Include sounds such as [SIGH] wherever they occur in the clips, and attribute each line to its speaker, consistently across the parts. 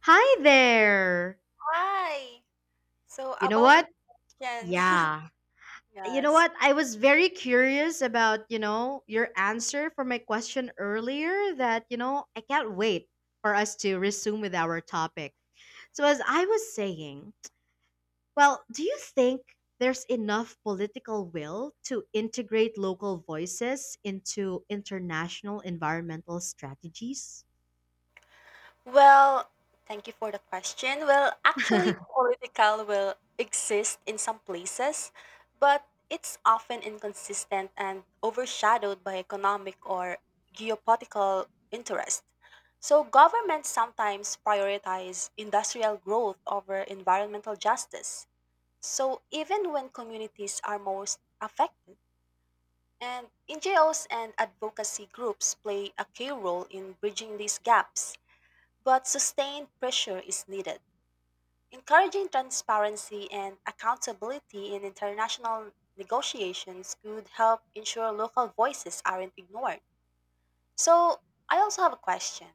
Speaker 1: Hi there.
Speaker 2: Hi. So
Speaker 1: You know
Speaker 2: about your
Speaker 1: what?
Speaker 2: question. [LAUGHS]
Speaker 1: Yeah. You know
Speaker 2: Yes.
Speaker 1: what? I was very curious about, your answer for my question earlier that, I can't wait for us to resume with our topic. So as I was saying, well, do you think there's enough political will to integrate local voices into international environmental strategies?
Speaker 2: Well, thank you for the question.
Speaker 1: [LAUGHS]
Speaker 2: Political will exist in some places, but it's often inconsistent and overshadowed by economic or geopolitical interest. So governments sometimes prioritize industrial growth over environmental justice. So even when communities are most affected, and NGOs and advocacy groups play a key role in bridging these gaps, but sustained pressure is needed. Encouraging transparency and accountability in international negotiations could help ensure local voices aren't ignored. So, I also have a question.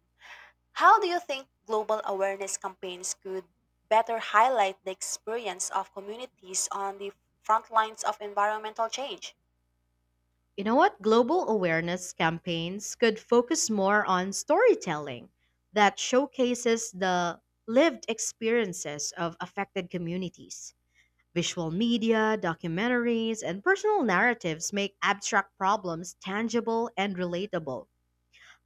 Speaker 2: How do you think global awareness campaigns could better highlight the experience of communities on the front lines of environmental change?
Speaker 1: You know what? Global awareness campaigns could focus more on storytelling that showcases the lived experiences of affected communities. Visual media, documentaries, and personal narratives make abstract problems tangible and relatable,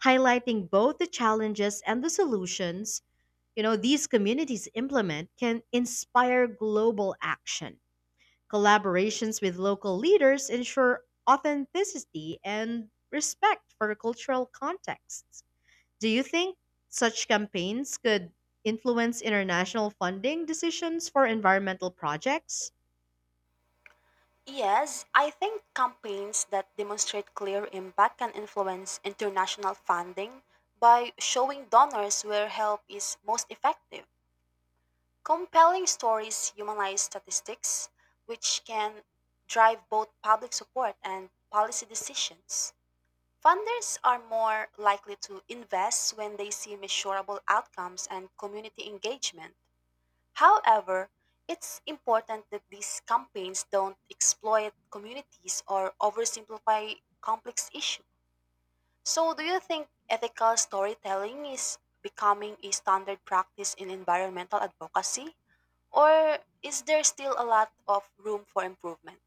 Speaker 1: highlighting both the challenges and the solutions these communities implement can inspire global action. Collaborations with local leaders ensure authenticity and respect for cultural contexts. Do you think such campaigns could influence international funding decisions for environmental projects?
Speaker 2: Yes, I think campaigns that demonstrate clear impact can influence international funding by showing donors where help is most effective. Compelling stories humanize statistics, which can drive both public support and policy decisions. Funders are more likely to invest when they see measurable outcomes and community engagement. However, it's important that these campaigns don't exploit communities or oversimplify complex issues. So, do you think ethical storytelling is becoming a standard practice in environmental advocacy? Or is there still a lot of room for improvement?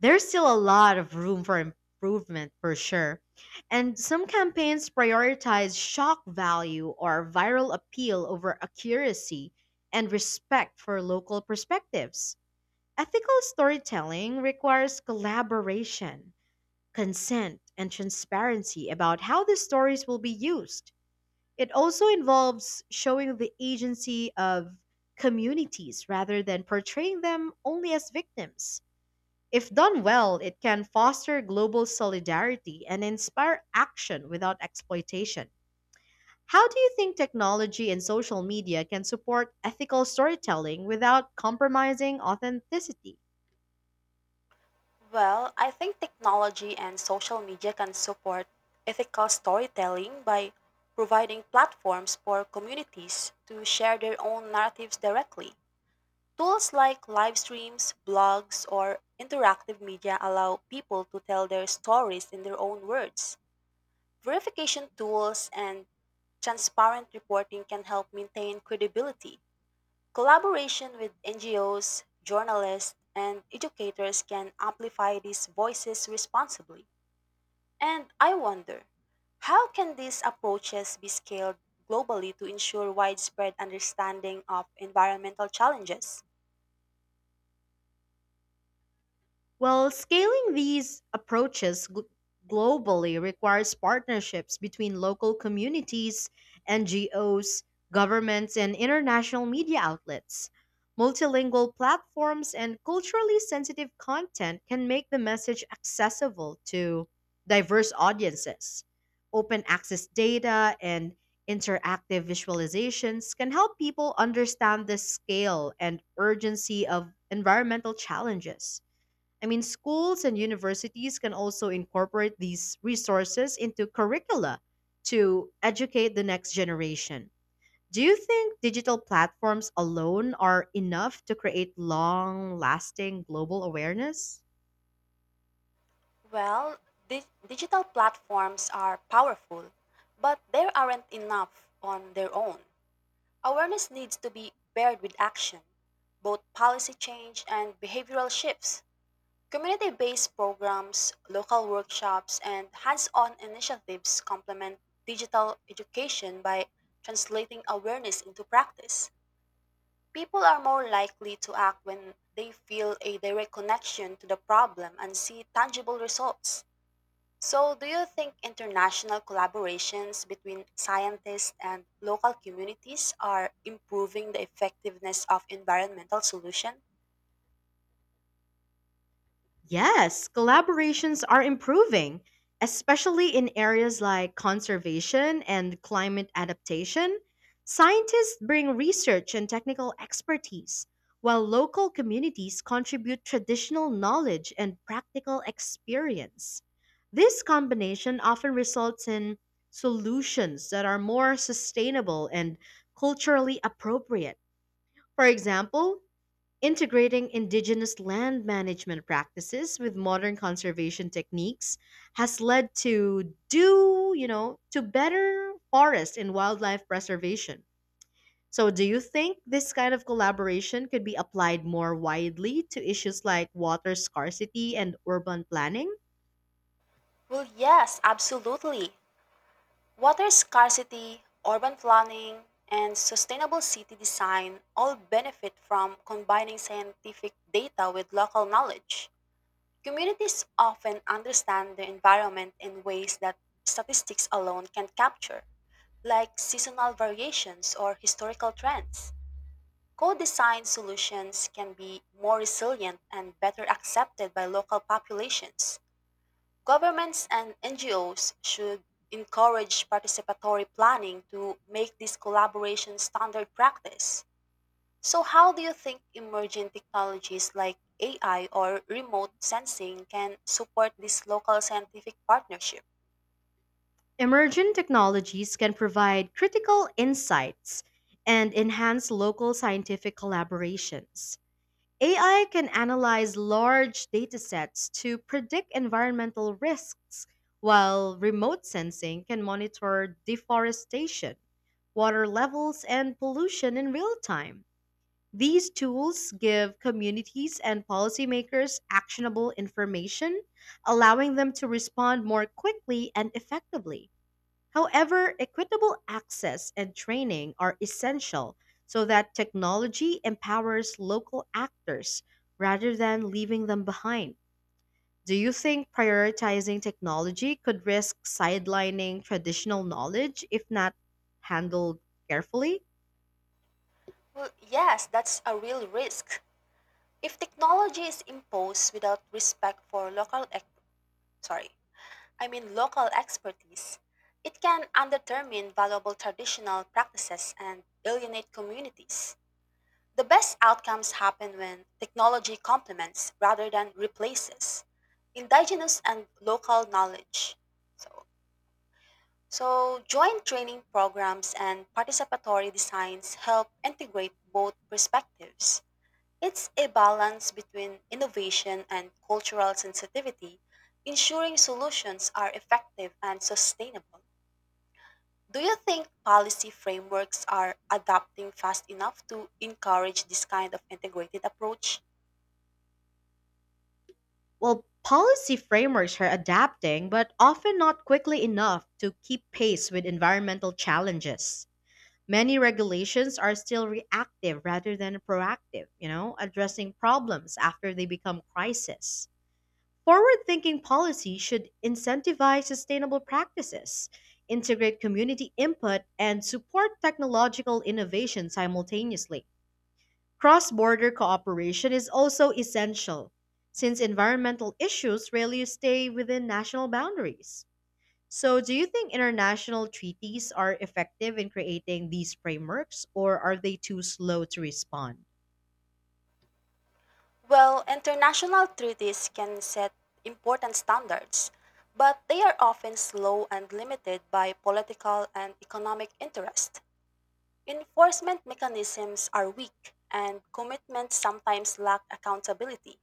Speaker 1: There's still a lot of room for improvement for sure. And some campaigns prioritize shock value or viral appeal over accuracy and respect for local perspectives. Ethical storytelling requires collaboration, consent, and transparency about how the stories will be used. It also involves showing the agency of communities rather than portraying them only as victims. If done well, it can foster global solidarity and inspire action without exploitation. How do you think technology and social media can support ethical storytelling without compromising authenticity?
Speaker 2: Well, I think technology and social media can support ethical storytelling by providing platforms for communities to share their own narratives directly. Tools like live streams, blogs, or interactive media allow people to tell their stories in their own words. Verification tools and transparent reporting can help maintain credibility. Collaboration with NGOs, journalists, and educators can amplify these voices responsibly. And I wonder, how can these approaches be scaled globally to ensure widespread understanding of environmental challenges?
Speaker 1: Well, scaling these approaches globally requires partnerships between local communities, NGOs, governments, and international media outlets. Multilingual platforms and culturally sensitive content can make the message accessible to diverse audiences. Open access data and interactive visualizations can help people understand the scale and urgency of environmental challenges. I mean, schools and universities can also incorporate these resources into curricula to educate the next generation. Do you think digital platforms alone are enough to create long lasting global awareness?
Speaker 2: Well, digital platforms are powerful, but there aren't enough on their own. Awareness needs to be paired with action, both policy change and behavioral shifts. Community based programs, local workshops, and hands on initiatives complement digital education by translating awareness into practice. People are more likely to act when they feel a direct connection to the problem and see tangible results. So, do you think international collaborations between scientists and local communities are improving the effectiveness of environmental solutions?
Speaker 1: Yes, collaborations are improving, especially in areas like conservation and climate adaptation. Scientists bring research and technical expertise, while local communities contribute traditional knowledge and practical experience. This combination often results in solutions that are more sustainable and culturally appropriate. For example, integrating indigenous land management practices with modern conservation techniques has led to do, you know, to better forest and wildlife preservation. So do you think this kind of collaboration could be applied more widely to issues like water scarcity and urban planning?
Speaker 2: Well, yes, absolutely. Water scarcity, urban planning, and sustainable city design all benefit from combining scientific data with local knowledge. Communities often understand the environment in ways that statistics alone can capture, like seasonal variations or historical trends. Co designed solutions can be more resilient and better accepted by local populations. Governments and NGOs should encourage participatory planning to make this collaboration standard practice. So how do you think emerging technologies like AI or remote sensing can support this local scientific partnership?
Speaker 1: Emergent technologies can provide critical insights and enhance local scientific collaborations. AI can analyze large datasets to predict environmental risks, while remote sensing can monitor deforestation, water levels, and pollution in real time. These tools give communities and policymakers actionable information, allowing them to respond more quickly and effectively. However, equitable access and training are essential so that technology empowers local actors rather than leaving them behind. Do you think prioritizing technology could risk sidelining traditional knowledge if not handled carefully?
Speaker 2: Well, yes, that's a real risk. If technology is imposed without respect for local ex- sorry, I mean local expertise, it can undermine valuable traditional practices and alienate communities. The best outcomes happen when technology complements rather than replaces indigenous and local knowledge. So, joint training programs and participatory designs help integrate both perspectives. It's a balance between innovation and cultural sensitivity, ensuring solutions are effective and sustainable. Do you think policy frameworks are adapting fast enough to encourage this kind of integrated approach?
Speaker 1: Well, policy frameworks are adapting, but often not quickly enough to keep pace with environmental challenges. Many regulations are still reactive rather than proactive, addressing problems after they become crisis. Forward thinking policy should incentivize sustainable practices, integrate community input, and support technological innovation simultaneously. Cross border cooperation is also essential, since environmental issues rarely stay within national boundaries. So, do you think international treaties are effective in creating these frameworks, or are they too slow to respond?
Speaker 2: Well, international treaties can set important standards, but they are often slow and limited by political and economic interest. Enforcement mechanisms are weak, and commitments sometimes lack accountability.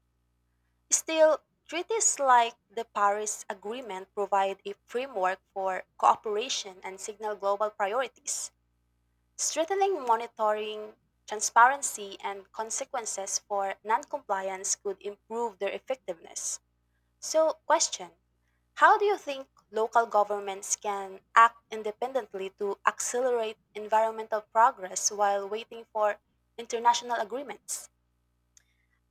Speaker 2: Still, treaties like the Paris Agreement provide a framework for cooperation and signal global priorities, strengthening monitoring, transparency, and consequences for noncompliance could improve their effectiveness. So, question, how do you think local governments can act independently to accelerate environmental progress while waiting for international agreements?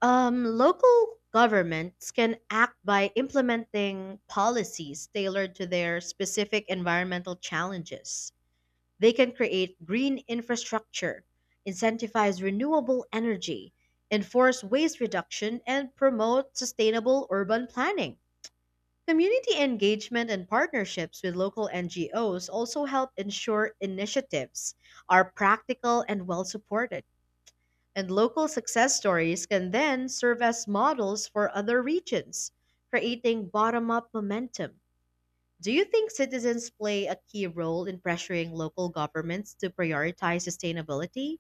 Speaker 1: Local governments can act by implementing policies tailored to their specific environmental challenges. They can create green infrastructure, incentivize renewable energy, enforce waste reduction, and promote sustainable urban planning. Community engagement and partnerships with local NGOs also help ensure initiatives are practical and well supported. And local success stories can then serve as models for other regions, creating bottom up momentum. Do you think citizens play a key role in pressuring local governments to prioritize sustainability?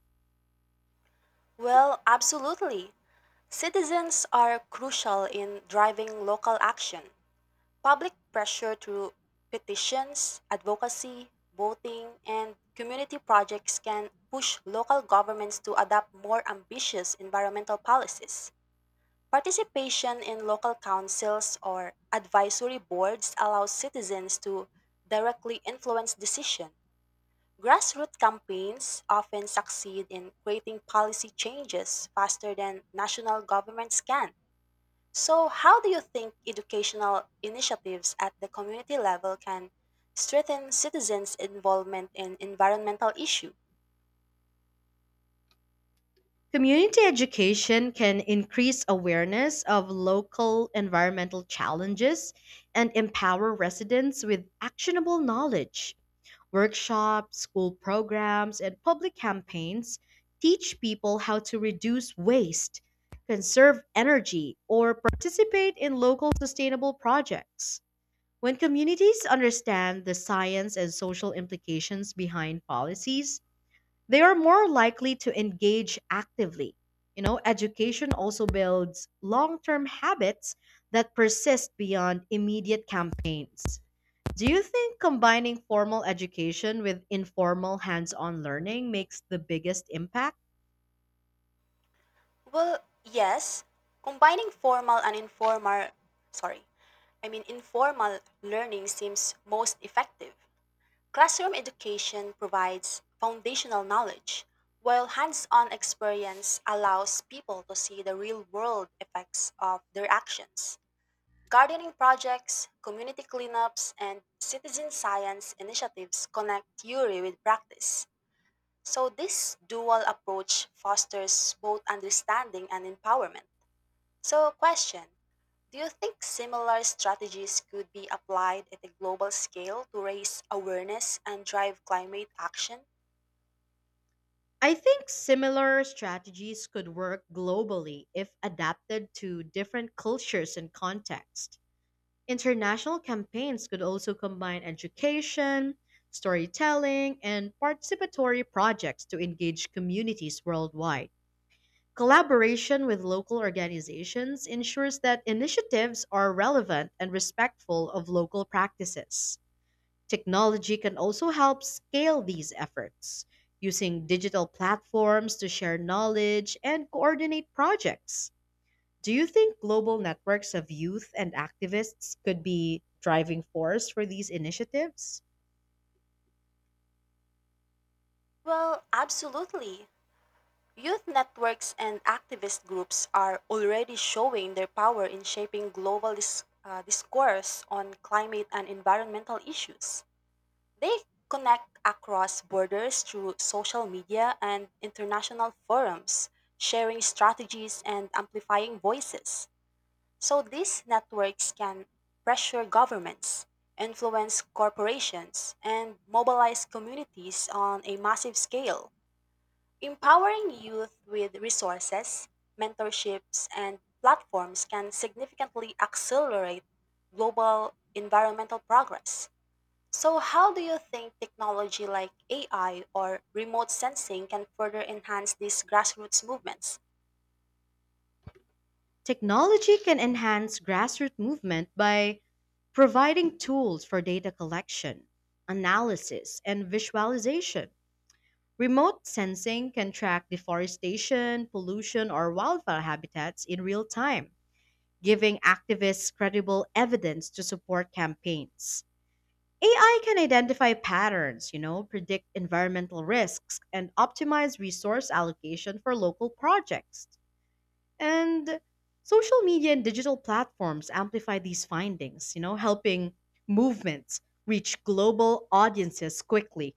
Speaker 2: Well, absolutely. Citizens are crucial in driving local action. Public pressure through petitions, advocacy, voting, and community projects can push local governments to adopt more ambitious environmental policies. Participation in local councils or advisory boards allows citizens to directly influence decision. Grassroots campaigns often succeed in creating policy changes faster than national governments can. So, how do you think educational initiatives at the community level can strengthen citizens' involvement in environmental issue?
Speaker 1: Community education can increase awareness of local environmental challenges and empower residents with actionable knowledge. Workshops, school programs, and public campaigns teach people how to reduce waste, conserve energy, or participate in local sustainable projects. When communities understand the science and social implications behind policies, they are more likely to engage actively. You know, education also builds long term habits that persist beyond immediate campaigns. Do you think combining formal education with informal hands on learning makes the biggest impact?
Speaker 2: Well, yes, combining formal and informal, sorry, I mean informal learning seems most effective. Classroom education provides foundational knowledge, while hands-on experience allows people to see the real-world effects of their actions. Gardening projects, community cleanups, and citizen science initiatives connect theory with practice. So, this dual approach fosters both understanding and empowerment. So, question, do you think similar strategies could be applied at a global scale to raise awareness and drive climate action?
Speaker 1: I think similar strategies could work globally if adapted to different cultures and contexts. International campaigns could also combine education, storytelling, and participatory projects to engage communities worldwide. Collaboration with local organizations ensures that initiatives are relevant and respectful of local practices. Technology can also help scale these efforts, using digital platforms to share knowledge and coordinate projects. Do you think global networks of youth and activists could be driving force for these initiatives?
Speaker 2: Well, absolutely. Youth networks and activist groups are already showing their power in shaping global discourse on climate and environmental issues. They connect across borders through social media and international forums, sharing strategies and amplifying voices. So these networks can pressure governments, influence corporations, and mobilize communities on a massive scale. Empowering youth with resources, mentorships, and platforms can significantly accelerate global environmental progress. So, how do you think technology like AI or remote sensing can further enhance these grassroots movements?
Speaker 1: Technology can enhance grassroots movement by providing tools for data collection, analysis, and visualization. Remote sensing can track deforestation, pollution, or wildfire habitats in real time, giving activists credible evidence to support campaigns. AI can identify patterns, predict environmental risks, and optimize resource allocation for local projects. And social media and digital platforms amplify these findings, helping movements reach global audiences quickly.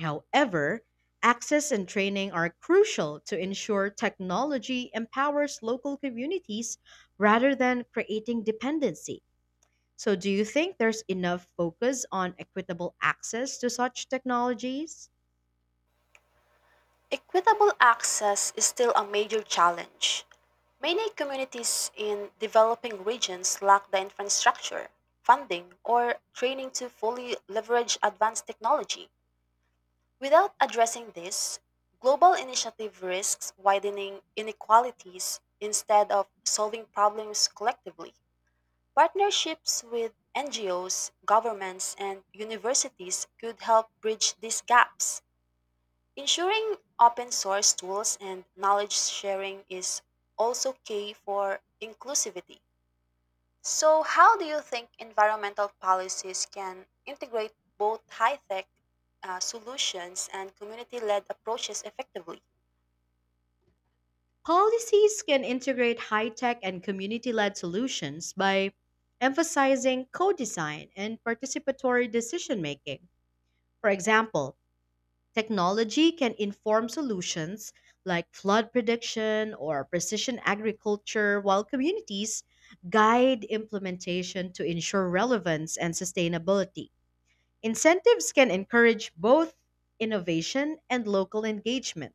Speaker 1: However, access and training are crucial to ensure technology empowers local communities rather than creating dependency. So, do you think there's enough focus on equitable access to such technologies?
Speaker 2: Equitable access is still a major challenge. Many communities in developing regions lack the infrastructure, funding, or training to fully leverage advanced technology. Without addressing this, global initiative risks widening inequalities instead of solving problems collectively. Partnerships with NGOs, governments, and universities could help bridge these gaps. Ensuring open source tools and knowledge sharing is also key for inclusivity. So, how do you think environmental policies can integrate both high tech solutions and community led approaches effectively?
Speaker 1: Policies can integrate high tech and community led solutions by emphasizing co design and participatory decision making. For example, technology can inform solutions like flood prediction or precision agriculture, while communities guide implementation to ensure relevance and sustainability. Incentives can encourage both innovation and local engagement,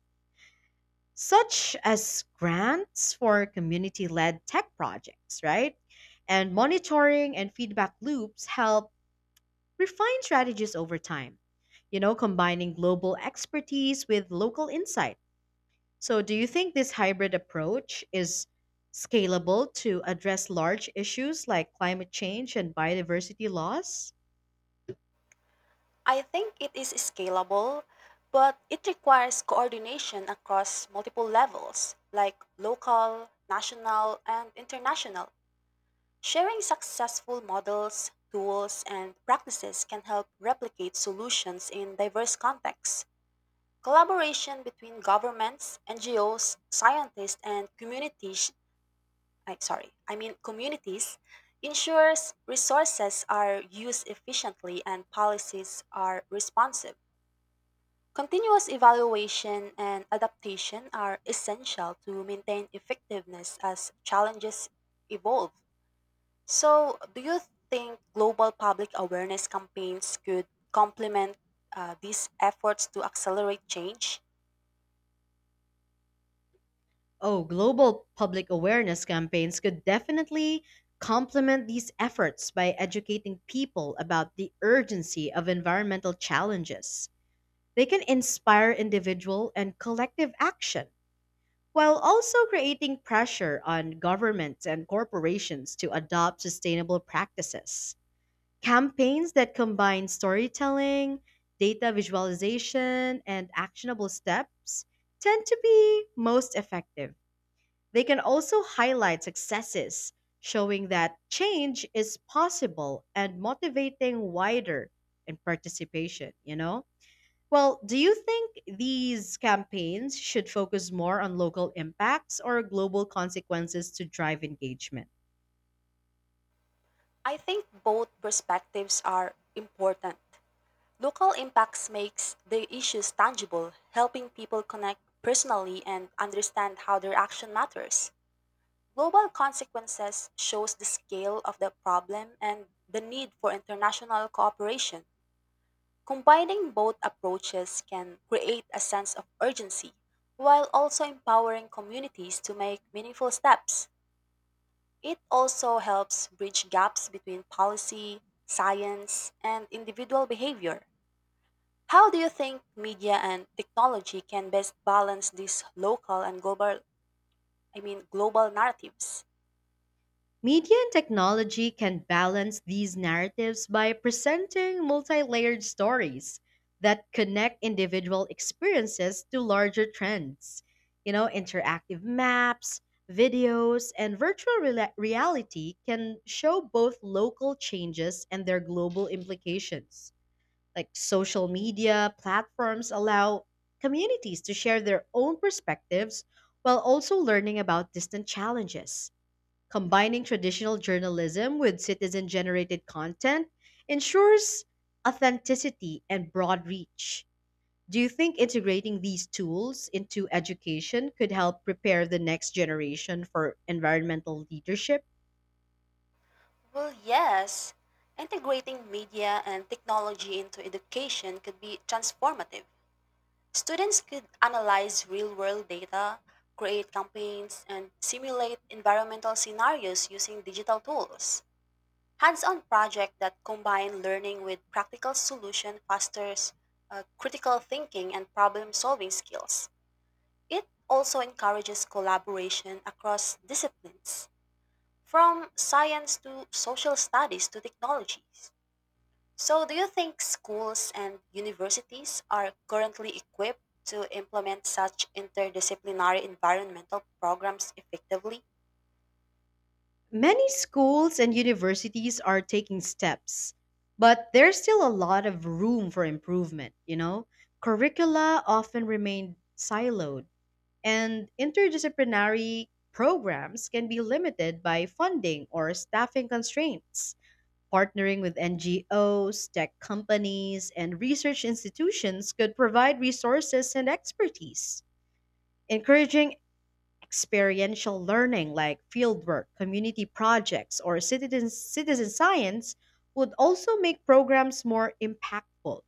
Speaker 1: such as grants for community led tech projects, right? And monitoring and feedback loops help refine strategies over time, combining global expertise with local insight. So, do you think this hybrid approach is scalable to address large issues like climate change and biodiversity loss?
Speaker 2: I think it is scalable, but it requires coordination across multiple levels, like local, national, and international. Sharing successful models, tools, and practices can help replicate solutions in diverse contexts. Collaboration between governments, NGOs, scientists, and communities, I, sorry, I mean communities, ensures resources are used efficiently and policies are responsive. Continuous evaluation and adaptation are essential to maintain effectiveness as challenges evolve. So, do you think global public awareness campaigns could complement these efforts to accelerate change?
Speaker 1: Oh, global public awareness campaigns could definitely complement these efforts by educating people about the urgency of environmental challenges. They can inspire individual and collective action while also creating pressure on governments and corporations to adopt sustainable practices. Campaigns that combine storytelling, data visualization, and actionable steps tend to be most effective. They can also highlight successes, showing that change is possible and motivating wider in participation. Well, do you think these campaigns should focus more on local impacts or global consequences to drive engagement?
Speaker 2: I think both perspectives are important. Local impacts makes the issues tangible, helping people connect personally and understand how their action matters. Global consequences shows the scale of the problem and the need for international cooperation. Combining both approaches can create a sense of urgency while also empowering communities to make meaningful steps. It also helps bridge gaps between policy, science, and individual behavior. How do you think media and technology can best balance these local and global I mean global narratives?
Speaker 1: Media and technology can balance these narratives by presenting multi layered stories that connect individual experiences to larger trends. You know, interactive maps, videos, and virtual reality can show both local changes and their global implications. Like social media platforms allow communities to share their own perspectives while also learning about distant challenges. Combining traditional journalism with citizen generated content ensures authenticity and broad reach. Do you think integrating these tools into education could help prepare the next generation for environmental leadership?
Speaker 2: Well, yes. Integrating media and technology into education could be transformative. Students could analyze real-world data, create campaigns, and simulate environmental scenarios using digital tools. Hands-on projects that combine learning with practical solution fosters critical thinking and problem-solving skills. It also encourages collaboration across disciplines, from science to social studies to technologies. So, do you think schools and universities are currently equipped to implement such interdisciplinary environmental programs effectively?
Speaker 1: Many schools and universities are taking steps, but there's still a lot of room for improvement. Curricula often remain siloed and interdisciplinary programs can be limited by funding or staffing constraints. Partnering with NGOs, tech companies, and research institutions could provide resources and expertise. Encouraging experiential learning like fieldwork, community projects, or citizen science would also make programs more impactful.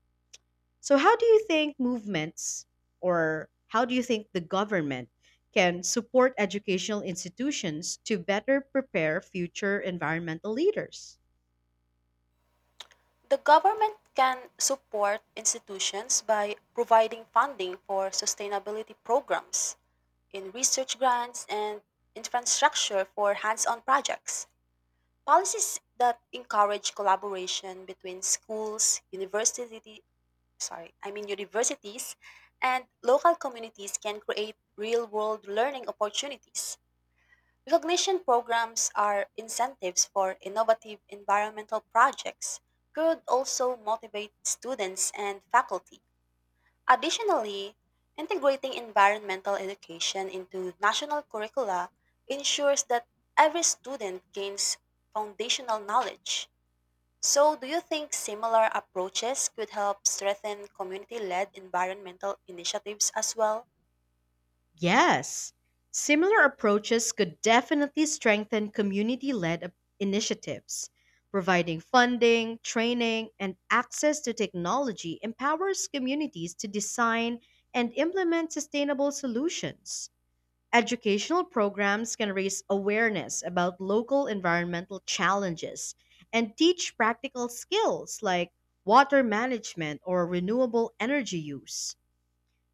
Speaker 1: So, how do you think movements or how do you think the government can support educational institutions to better prepare future environmental leaders?
Speaker 2: The government can support institutions by providing funding for sustainability programs, in research grants, and infrastructure for hands on projects. Policies that encourage collaboration between schools, university, sorry, I mean universities and local communities can create real-world learning opportunities. Recognition programs are incentives for innovative environmental projects, could also motivate students and faculty. Additionally, integrating environmental education into national curricula ensures that every student gains foundational knowledge. So, do you think similar approaches could help strengthen community led environmental initiatives as well?
Speaker 1: Yes, similar approaches could definitely strengthen community led initiatives. Providing funding, training, and access to technology empowers communities to design and implement sustainable solutions. Educational programs can raise awareness about local environmental challenges and teach practical skills like water management or renewable energy use.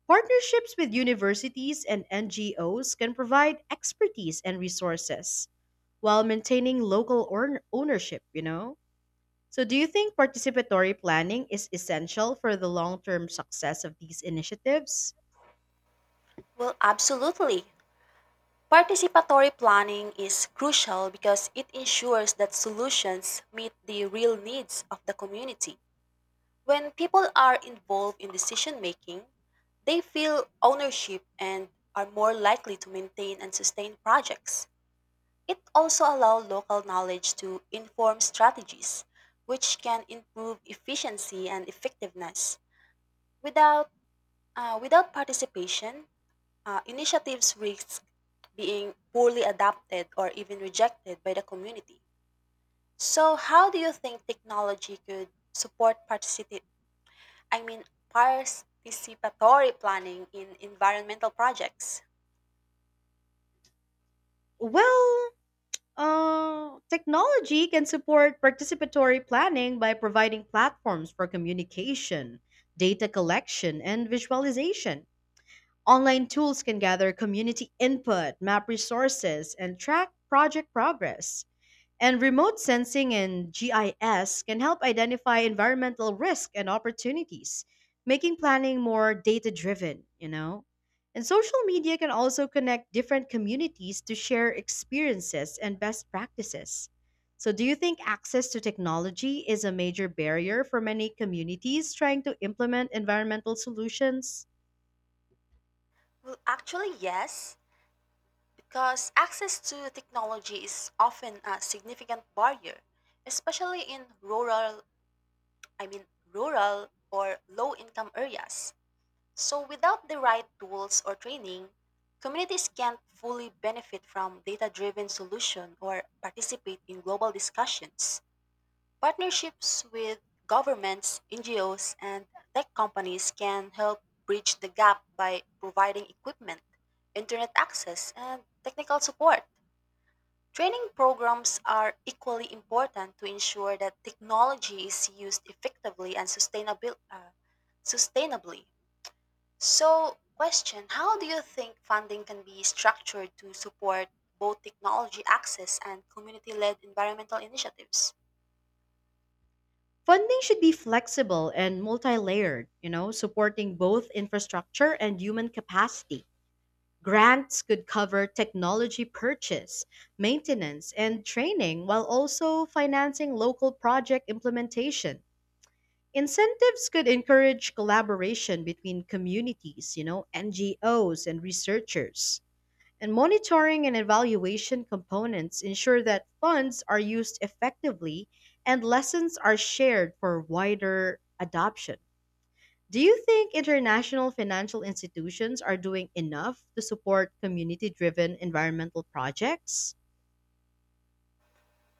Speaker 1: Partnerships with universities and NGOs can provide expertise and resources while maintaining local ownership. So, do you think participatory planning is essential for the long term success of these initiatives?
Speaker 2: Well, absolutely. Participatory planning is crucial because it ensures that solutions meet the real needs of the community. When people are involved in decision making, they feel ownership and are more likely to maintain and sustain projects. It also allows local knowledge to inform strategies, which can improve efficiency and effectiveness. Without, Without participation, initiatives risk being poorly adapted or even rejected by the community. So, how do you think technology could support participate I mean participatory planning in environmental projects?
Speaker 1: Well, technology can support participatory planning by providing platforms for communication, data collection, and visualization. Online tools can gather community input, map resources, and track project progress. And remote sensing and GIS can help identify environmental risk and opportunities, making planning more data driven. And social media can also connect different communities to share experiences and best practices. So, do you think access to technology is a major barrier for many communities trying to implement environmental solutions?
Speaker 2: Well, actually yes, because access to technology is often a significant barrier, especially in rural I mean rural or low income areas. So, without the right tools or training, communities can't fully benefit from data driven solution or participate in global discussions. Partnerships with governments, NGOs, and tech companies can help bridge the gap by providing equipment, internet access, and technical support. Training programs are equally important to ensure that technology is used effectively and sustainably. So, question, how do you think funding can be structured to support both technology access and community led environmental initiatives?
Speaker 1: Funding should be flexible and multi layered, supporting both infrastructure and human capacity. Grants could cover technology purchase, maintenance, and training while also financing local project implementation. Incentives could encourage collaboration between communities, NGOs and researchers. And monitoring and evaluation components ensure that funds are used effectively and lessons are shared for wider adoption. Do you think international financial institutions are doing enough to support community driven environmental projects?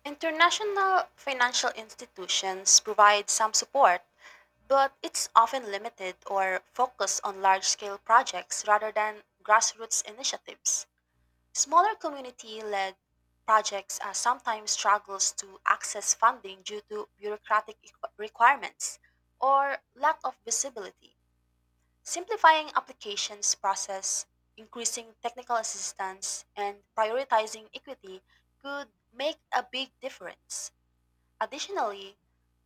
Speaker 2: International financial institutions provide some support, but it's often limited or focused on large scale projects rather than grassroots initiatives. Smaller community led projects sometimes struggles to access funding due to bureaucratic requirements or lack of visibility. Simplifying applications process, increasing technical assistance, and prioritizing equity could make a big difference. Additionally,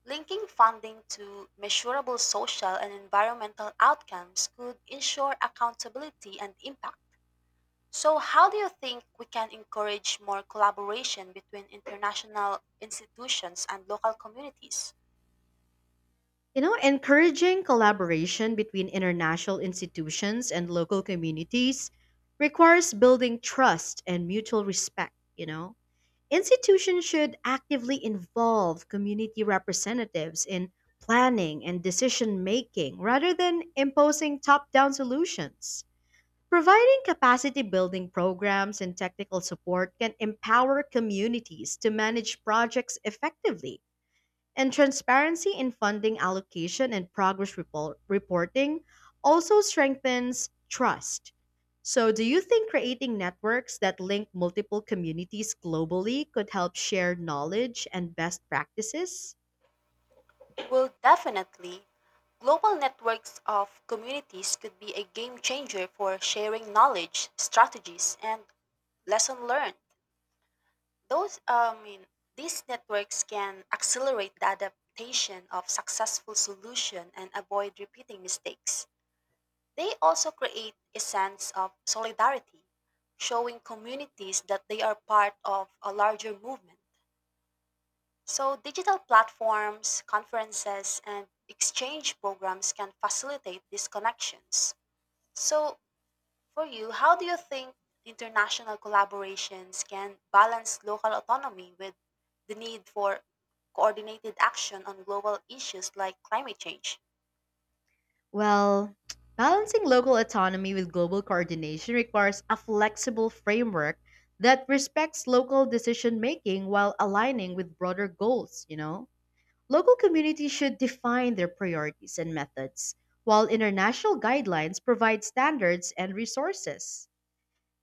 Speaker 2: linking funding to measurable social and environmental outcomes could ensure accountability and impact. So, how do you think we can encourage more collaboration between international institutions and local communities?
Speaker 1: You know, encouraging collaboration between international institutions and local communities requires building trust and mutual respect. Institutions should actively involve community representatives in planning and decision making rather than imposing top down solutions. Providing capacity building programs and technical support can empower communities to manage projects effectively, and transparency in funding allocation and progress reporting also strengthens trust. So, do you think creating networks that link multiple communities globally could help share knowledge and best practices?
Speaker 2: Well, definitely, global networks of communities could be a game changer for sharing knowledge, strategies, and lesson learned. Those, uh, I mean, these networks can accelerate the adaptation of successful solution and avoid repeating mistakes. They also create a sense of solidarity, showing communities that they are part of a larger movement. So, digital platforms, conferences, and exchange programs can facilitate these connections. So, for you, how do you think international collaborations can balance local autonomy with the need for coordinated action on global issues like climate change?
Speaker 1: Well, balancing local autonomy with global coordination requires a flexible framework that respects local decision making while aligning with broader goals. Local communities should define their priorities and methods, while international guidelines provide standards and resources.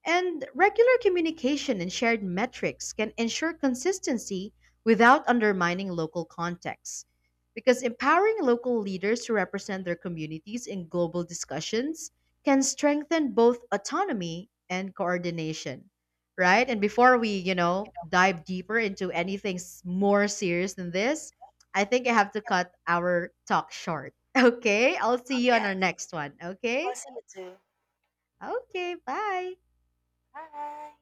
Speaker 1: And regular communication and shared metrics can ensure consistency without undermining local contexts. Because empowering local leaders to represent their communities in global discussions can strengthen both autonomy and coordination. Right? And before we dive deeper into anything more serious than this, I think I have to cut our talk short. [LAUGHS] Okay? I'll see
Speaker 2: Oh,
Speaker 1: you on our
Speaker 2: yes.
Speaker 1: next one. Okay?
Speaker 2: Well, see you too.
Speaker 1: Okay, bye.
Speaker 2: Bye.